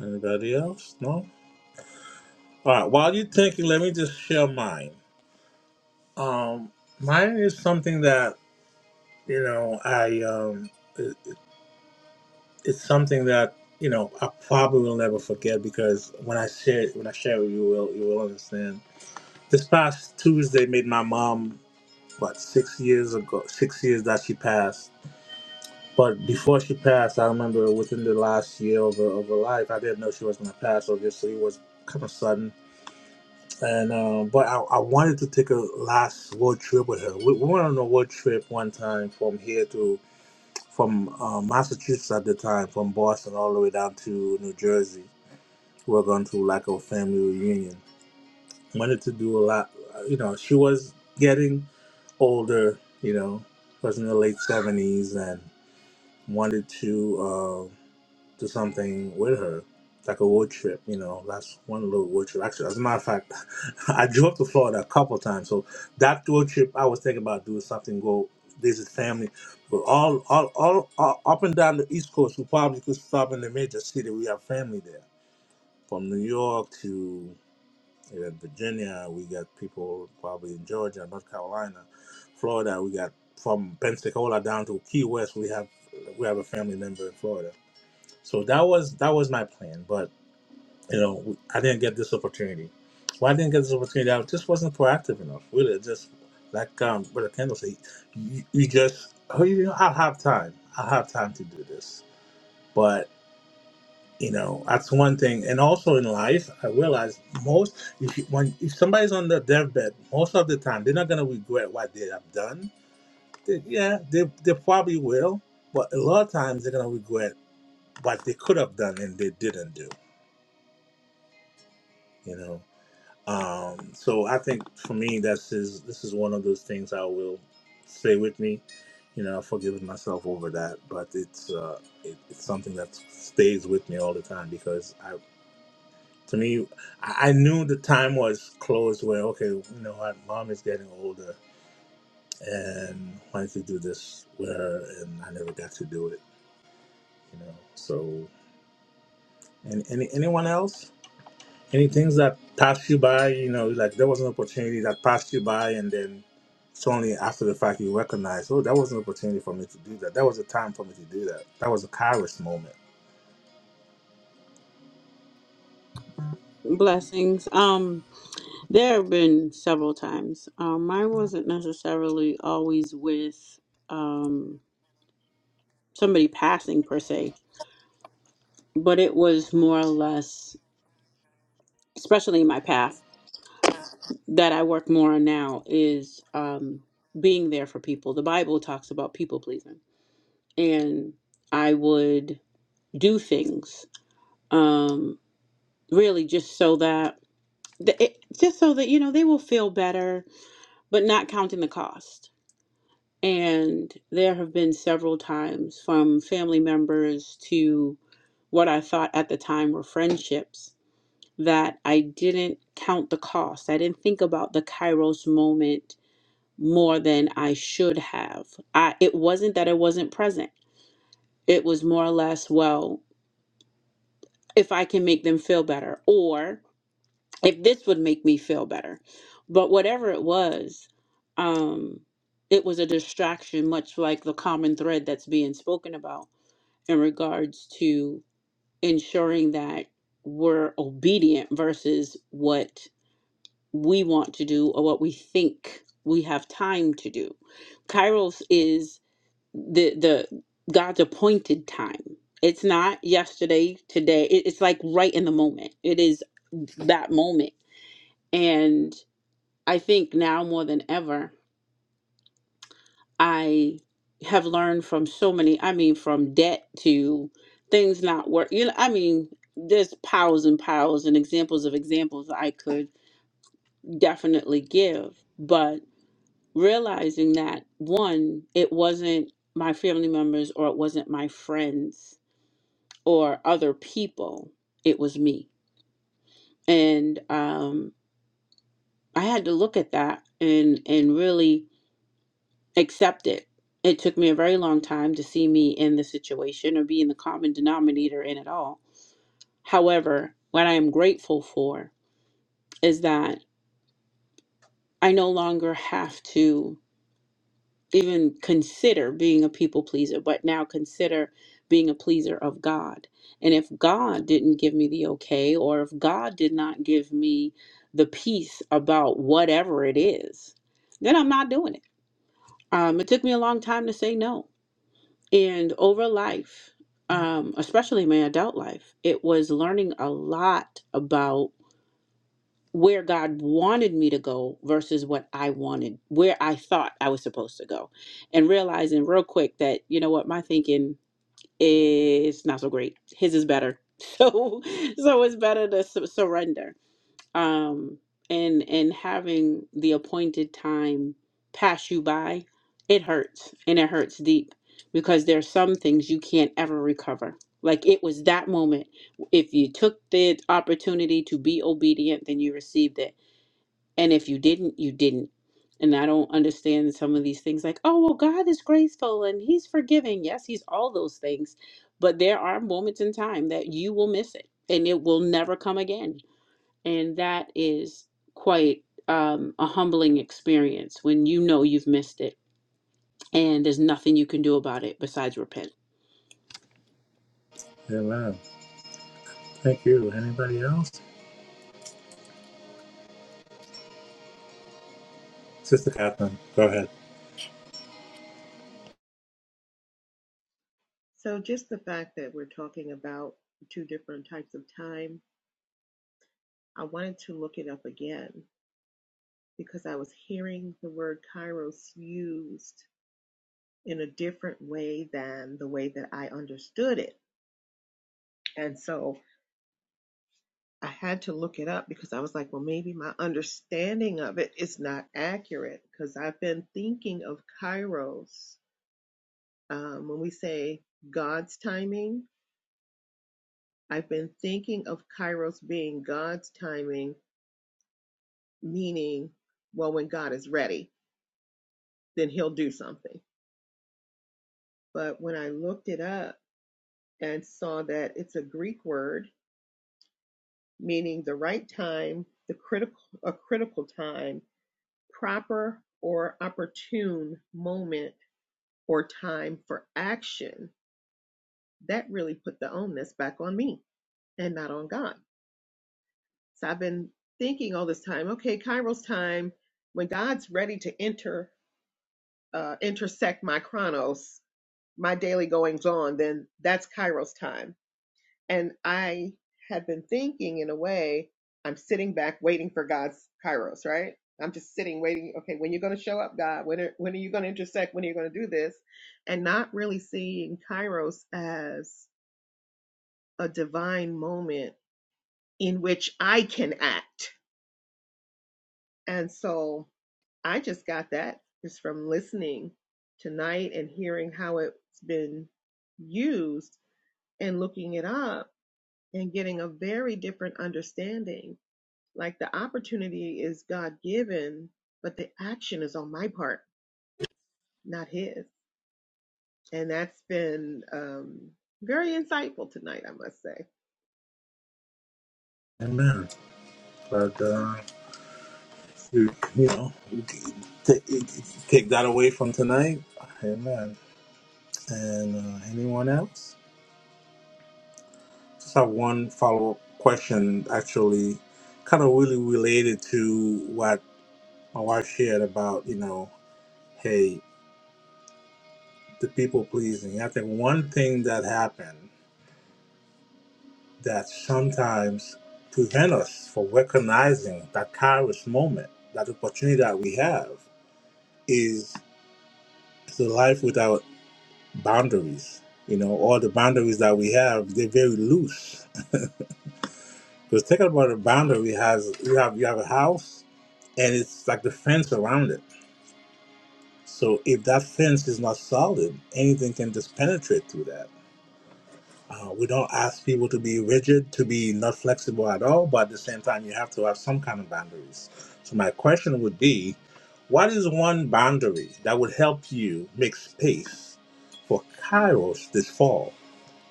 Speaker 1: Anybody else? No? Alright, while you're thinking, let me just share mine. Um mine is something that you know, I um, it, it's something that you know I probably will never forget because when I share when I share with you, you will you will understand. This past Tuesday made my mom what six years ago, six years that she passed. But before she passed, I remember within the last year of her, of her life, I didn't know she was going to pass. Obviously, it was kind of sudden. And um, but I, I wanted to take a last road trip with her. We, we went on a road trip one time from here to. from uh, Massachusetts at the time, from Boston all the way down to New Jersey. We were going to like a family reunion. Wanted to do a lot. uh, You know, she was getting older. You know, was in the late seventies and wanted to. um, to something with her, like a road trip. You know, that's one little road trip. Actually, as a matter of fact, [laughs] I drove to Florida a couple times. So that road trip, I was thinking about doing something. Go visit family, but all all all, all up and down the East Coast, we probably could stop in the major city. We have family there, from New York to uh, Virginia. We got people probably in Georgia, North Carolina, Florida. We got from Pensacola down to Key West. We have we have a family member in Florida so that was that was my plan, but you know I didn't get this opportunity. Why I didn't get this opportunity? I just wasn't proactive enough. Really, It just like um, Brother Kendall said, you, you just oh you know I'll have time. I'll have time to do this. But you know that's one thing. And also in life, I realized most if you, when if somebody's on the deathbed, most of the time they're not gonna regret what they have done. They, yeah, they they probably will, but a lot of times they're gonna regret what they could have done and they didn't do. You know Um, so I think for me, that's is this is one of those things I will stay with me. You know, I've forgiven myself over that, but it's uh, it, it's something that stays with me all the time because I, to me, I, I knew the time was close where okay, you know what, mom is getting older, and why did not you do this with her? And I never got to do it. You know, so and any anyone else? Any things that pass you by, you know, like there was an opportunity that passed you by, and then it's only after the fact you recognize, oh, that was an opportunity for me to do that. That was a time for me to do that. That was a Kairos moment.
Speaker 7: Blessings. Um, there have been several times. Um, mine wasn't necessarily always with um somebody passing per se, but it was more or less, especially in my path that I work more on now, is um being there for people. The Bible talks about people pleasing, and I would. do things um really just so that th- it, just so that you know they will feel better but not counting the cost and there have been several times from family members to what i thought at the time were friendships that i didn't count the cost i didn't think about the kairos moment more than i should have i it wasn't that i wasn't present it was more or less well if i can make them feel better or if this would make me feel better. But whatever it was, um, it was a distraction, much like the common thread that's being spoken about in regards to ensuring that we're obedient versus what we want to do or what we think we have time to do. Kairos is the the God's appointed time. It's not yesterday, today. It- It's like right in the moment. It is that moment. And I think now more than ever, I have learned from so many, I mean, from debt to things not work. You know, I mean, there's piles and piles and examples of examples I could definitely give. But realizing that, one, it wasn't my family members or it wasn't my friends or other people, it was me. And um, I had to look at that and, and really accept it. It took me a very long time to see me in the situation or be in the common denominator in it all. However, what I am grateful for is that I no longer have to even consider being a people pleaser, but now consider being a pleaser of God. And if God didn't give me the okay, or if God did not give me the peace about whatever it is, then I'm not doing it. Um, it took me a long time to say no And over life, um, especially my adult life, it was learning a lot about where God wanted me to go versus what I wanted, where I thought I was supposed to go, and realizing real quick that, you know what, my thinking is not so great. His is better. [laughs] So, so it's better to su- surrender um, and and having the appointed time pass you by, it hurts and it hurts deep because there's some things you can't ever recover. Like it was that moment. If you took the opportunity to be obedient, then you received it, and if you didn't, you didn't. And I don't understand some of these things like, oh, well, God is graceful and He's forgiving. Yes, He's all those things. But there are moments in time that you will miss it and it will never come again and that is quite um, a humbling experience when you know you've missed it and there's nothing you can do about it besides repent.
Speaker 1: Amen. Thank you. Anybody else? Sister Catherine, go ahead.
Speaker 3: So, just the fact that we're talking about two different types of time, I wanted to look it up again because I was hearing the word kairos used in a different way than the way that I understood it. And so I had to look it up because I was like, well, maybe my understanding of it is not accurate because I've been thinking of kairos um, when we say God's timing I've been thinking of Kairos being God's timing, meaning, well, when God is ready, then he'll do something. But when I looked it up and saw that it's a Greek word meaning the right time, the critical a critical time, proper or opportune moment or time for action, that really put the onus back on me and not on God. So I've been thinking all this time, okay, Kairos time, when God's ready to enter uh, intersect my chronos, my daily goings on, then that's Kairos time. And I had been thinking in a way, I'm sitting back waiting for God's Kairos, right? I'm just sitting waiting. Okay, when you're going to show up, God? When are, when are you going to intersect? When are you going to do this? And not really seeing Kairos as a divine moment in which I can act And so I just got that just from listening tonight and hearing how it's been used and looking it up and getting a very different understanding. Like the opportunity is God given, but the action is on my part, not His. And that's been um, very insightful tonight, I must say.
Speaker 1: Amen. But, uh, you, you know, you can take, you can take that away from tonight. Amen. And uh, anyone else? Just have one follow up question, actually, kind of really related to what. my wife shared about, you know, hey, the people pleasing. I think one thing that happened that sometimes prevent us from recognizing that Kairos moment, that opportunity that we have, is the life without boundaries. You know, all the boundaries that we have, they're very loose. Because think about a boundary has you have you have a house and it's like the fence around it. So if that fence is not solid, anything can just penetrate through that Uh, we don't ask people to be rigid, to be not flexible at all, but at the same time, you have to have some kind of boundaries. So, my question would be what is one boundary that would help you make space for Kairos this fall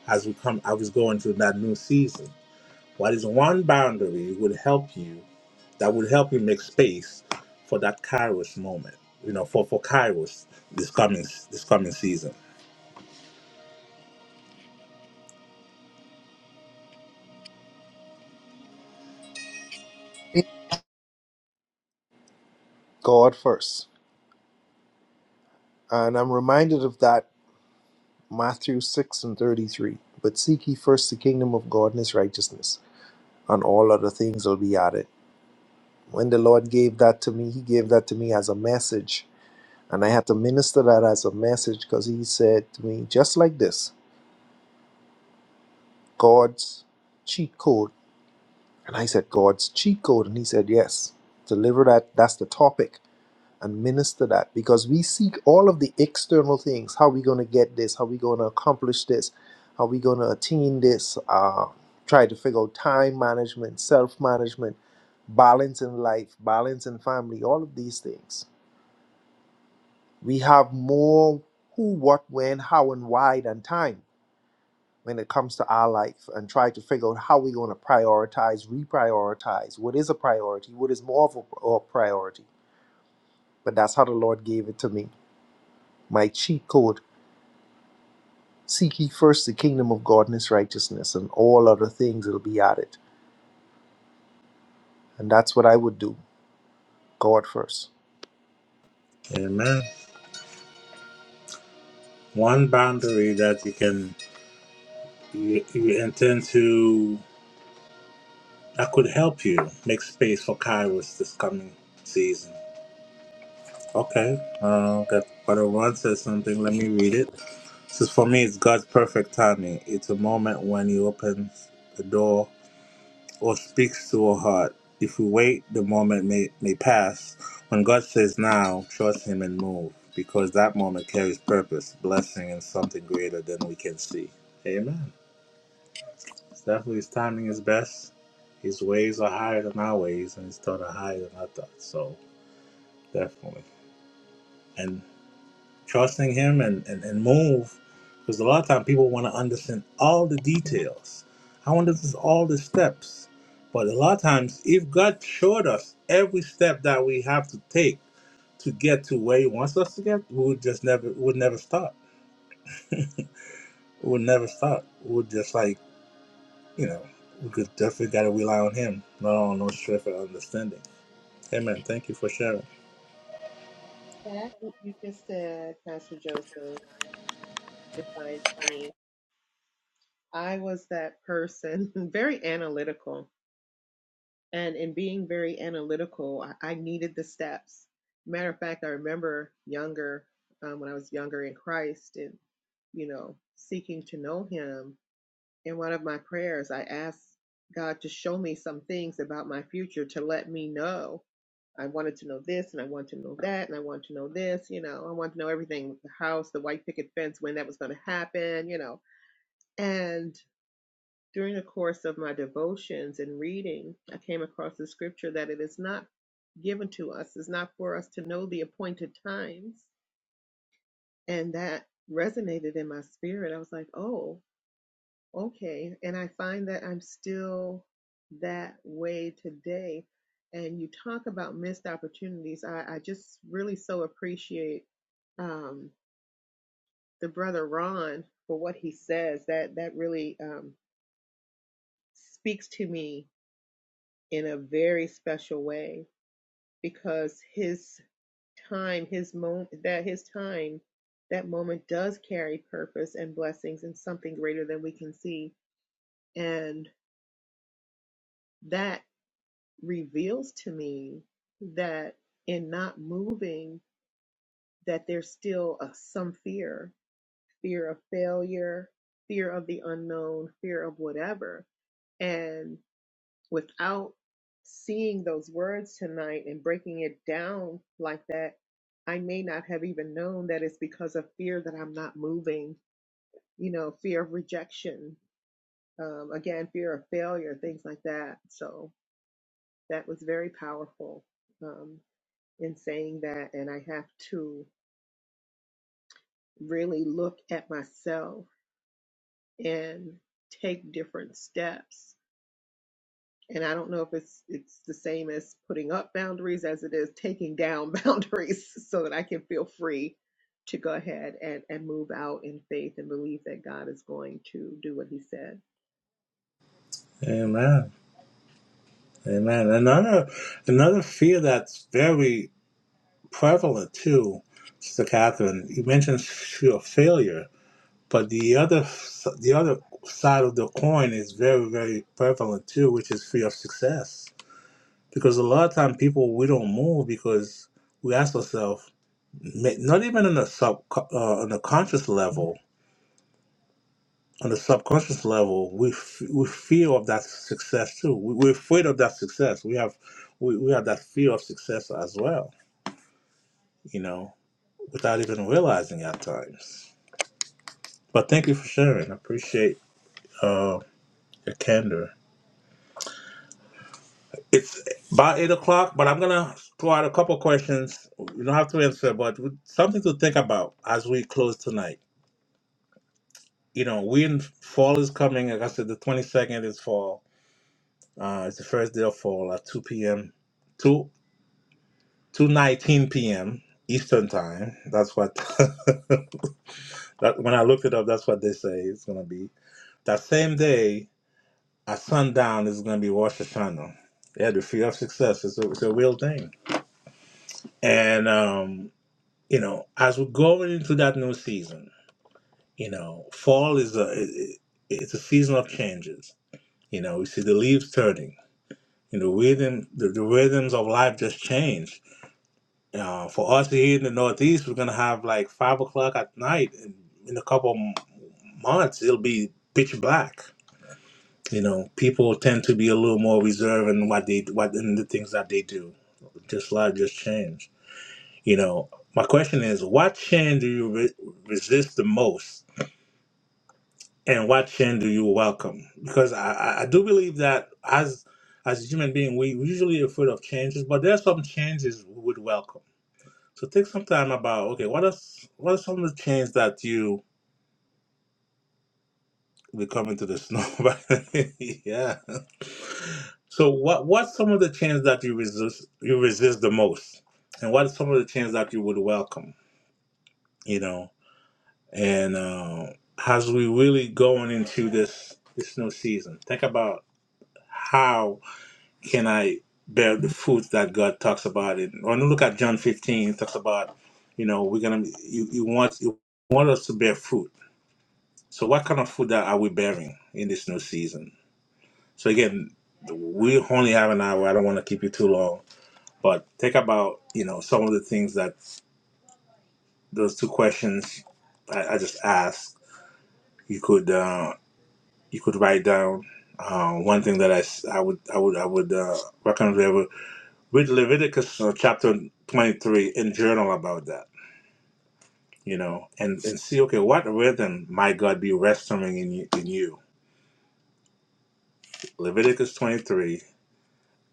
Speaker 1: as we come, I was going through that new season? What is one boundary would help you that would help you make space for that Kairos moment, you know, for, for Kairos this coming, this coming season?
Speaker 4: God first. And I'm reminded of that Matthew 6 and 33. But seek ye first the kingdom of God and his righteousness, and all other things will be added. When the Lord gave that to me, he gave that to me as a message. And I had to minister that as a message because he said to me, just like this God's cheat code. And I said, God's cheat code. And he said, yes, deliver that. That's the topic and minister that because we seek all of the external things how are we going to get this how are we going to accomplish this how are we going to attain this uh, try to figure out time management self management balance in life balance in family all of these things we have more who what when how and why than time when it comes to our life and try to figure out how we're going to prioritize reprioritize what is a priority what is more of a a priority but that's how the lord gave it to me my cheat code Seek ye first the kingdom of God and his righteousness, and all other things will be added. And that's what I would do. God first.
Speaker 1: Amen. One boundary that you can You, you intend to. I could help you make space for Kairos this coming season. Okay. Uh, that what I want says something. Let me read it. This is for me. It's God's perfect timing. It's a moment when He opens a door or speaks to a heart. If we wait, the moment may may pass. When God says now, trust Him and move, because that moment carries purpose, blessing, and something greater than we can see. Amen. It's Definitely, his timing is best. His ways are higher than our ways, and his thoughts are higher than our thoughts. So definitely, and trusting him and and, and move, because a lot of times people want to understand all the details. I want to do all the steps, but a lot of times, if God showed us every step that we have to take to get to where He wants us to get, we would just never we would never stop. We would never stop. We would just like you know, we could definitely got to rely on Him, not on no strength or understanding Amen. Thank you for sharing.
Speaker 3: That what you just said, Pastor Joseph, defined me. I was that person, [laughs] very analytical And in being very analytical, I, I needed the steps. Matter of fact, I remember younger, um, when I was younger in Christ and, you know, seeking to know Him. In one of my prayers, I asked God to show me some things about my future to let me know. I wanted to know this and I want to know that and I want to know this, you know, I want to know everything the house, the white picket fence, when that was going to happen, you know. and. During the course of my devotions and reading, I came across the scripture that it is not given to us, is not for us to know the appointed times. And that resonated in my spirit. I was like, oh, okay. And I find that I'm still that way today. And you talk about missed opportunities. I, I just really so appreciate um, the brother Ron for what he says. That that really um, speaks to me in a very special way because his time, his moment, that his time, that moment does carry purpose and blessings and something greater than we can see. And that reveals to me that in not moving, that there's still a, some fear, fear of failure, fear of the unknown, fear of whatever. and. without seeing those words tonight and breaking it down like that, I may not have even known that it's because of fear that I'm not moving, you know, fear of rejection, um, again, fear of failure, things like that. So that was very powerful um, in saying that. And I have to really look at myself and take different steps and I don't know if it's it's the same as putting up boundaries as it is taking down [laughs] boundaries so that I can feel free to go ahead and, and move out in faith and believe that God is going to do what he said.
Speaker 1: Amen. Amen. Another another fear that's very prevalent too, Sister Catherine. You mentioned fear of failure, but the other the other side of the coin is very very prevalent too, which is fear of success. Because a lot of time people we don't move because we ask ourselves, ma- not even on a sub uh, on a conscious level, on the subconscious level, we f- we fear of that success too. We, we're afraid of that success. We have we, we have that fear of success as well. You know, without even realizing at times. But thank you for sharing. I appreciate uh, your candor. It's about eight o'clock, but I'm gonna throw out a couple questions. You don't have to answer, but something to think about as we close tonight. You know, we in fall is coming. Like I said, the 22nd is fall. Uh, it's the first day of fall at 2 p.m. 2:19 p.m. Eastern time. That's what [laughs] that when I looked it up, that's what they say it's gonna be. That same day at sundown is gonna be Rosh Hashanah. Yeah, the fear of success is a, it's a real thing. And um, you know, as we're going into that new season, you know, fall is a it, it- it's a season of changes. You know, we see the leaves turning. You know, rhythm the, the rhythms of life just change Uh, for us here in the Northeast, we're gonna have like five o'clock at night in, in a couple m- months. It'll be pitch black. You know, people tend to be a little more reserved in what they what in the things that they do. Just life just changed. You know, my question is, what change do you re- resist the most, and what change do you welcome? Because I, I I do believe that as as a human being, we are usually afraid of changes, but there are some changes we would welcome So take some time about okay, what are what are some of the changes that you will come into the snow? [laughs] By- yeah. So what what's some of the changes that you resist you resist the most, and what are some of the changes that you would welcome? You know, and uh, as we really going into this this snow season, think about how can I bear the fruits that God talks about it. When you look at John fifteen, it talks about you know we're gonna you you want you want us to bear fruit So, what kind of food are we bearing in this new season? So, again, we only have an hour. I don't want to keep you too long, but think about you know some of the things that those two questions I, I just asked. You could uh, you could write down. Uh, one thing that I, s- I would I would I would uh, recommend everyone read Leviticus uh, chapter twenty three and journal about that. You know, and and see okay, what rhythm might God be restoring in you, in you? Leviticus 23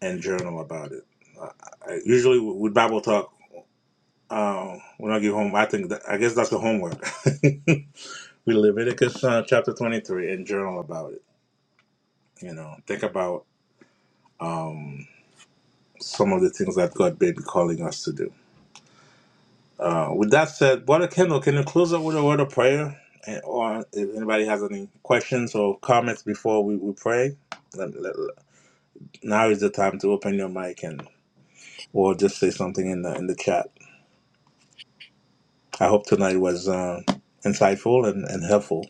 Speaker 1: and journal about it. I, I usually with Bible talk uh, when I get home, I think that, I guess that's the homework. [laughs] we Leviticus uh, chapter twenty three and journal about it. You know, think about um, some of the things that God may be calling us to do. Uh, with that said, Brother Kendall, can you close up with a word of prayer? And, or if anybody has any questions or comments before we, we pray, let, let, let- now is the time to open your mic and or just say something in the in the chat. I hope tonight was um, insightful and, and helpful.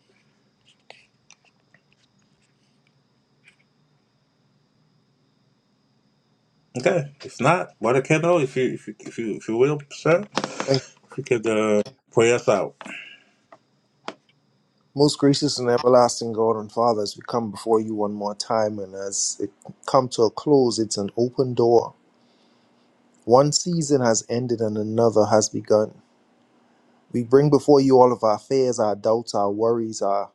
Speaker 1: Okay, if not, Brother Kendall, if you if you if you, if you will, sir,
Speaker 4: Thank you.
Speaker 1: if you could uh, pray us out.
Speaker 4: Most gracious and everlasting God and Father, as we come before you one more time, and as it come to a close, it's an open door. One season has ended and another has begun. We bring before you all of our fears, our doubts, our worries, our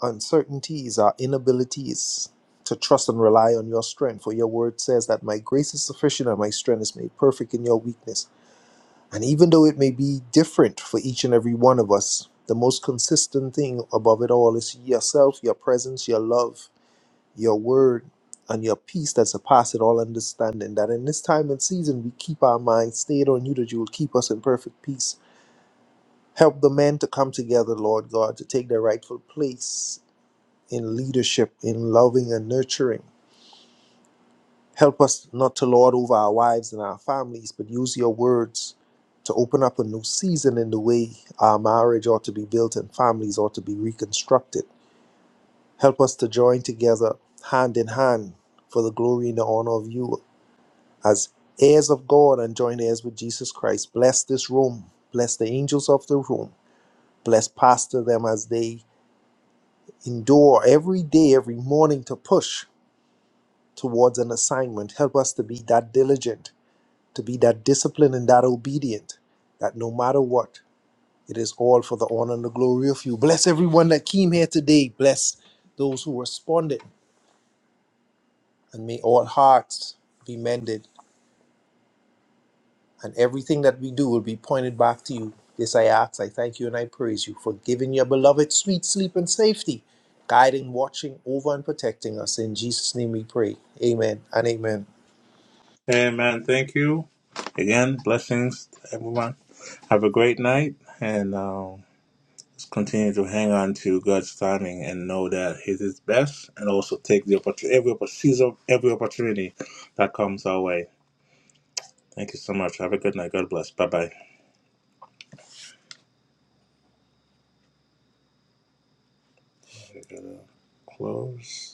Speaker 4: uncertainties, our inabilities to trust and rely on your strength. For your word says that my grace is sufficient and my strength is made perfect in your weakness. And even though it may be different for each and every one of us, the most consistent thing above it all is yourself, your presence, your love, your word, and your peace that surpasses all understanding. That in this time and season, we keep our minds stayed on you, that you will keep us in perfect peace. Help the men to come together, Lord God, to take their rightful place in leadership, in loving and nurturing Help us not to lord over our wives and our families, but use your words to open up a new season in the way our marriage ought to be built and families ought to be reconstructed. Help us to join together hand in hand for the glory and the honor of you as heirs of God and joint heirs with Jesus Christ. Bless this room. Bless the angels of the room. Bless pastor them as they endure every day, every morning to push towards an assignment. Help us to be that diligent to be that disciplined and that obedient, that no matter what, it is all for the honor and the glory of you. Bless everyone that came here today. Bless those who responded. And may all hearts be mended. And everything that we do will be pointed back to you. This I ask, I thank you, and I praise you for giving your beloved sweet sleep and safety, guiding, watching over, and protecting us. In Jesus' name we pray. Amen and amen.
Speaker 1: Amen. Thank you again. Blessings, to everyone. Have a great night, and um, just continue to hang on to God's timing and know that He is best, and also take the opportunity, every oppor- seize up every opportunity that comes our way. Thank you so much. Have a good night. God bless. Bye bye. Close.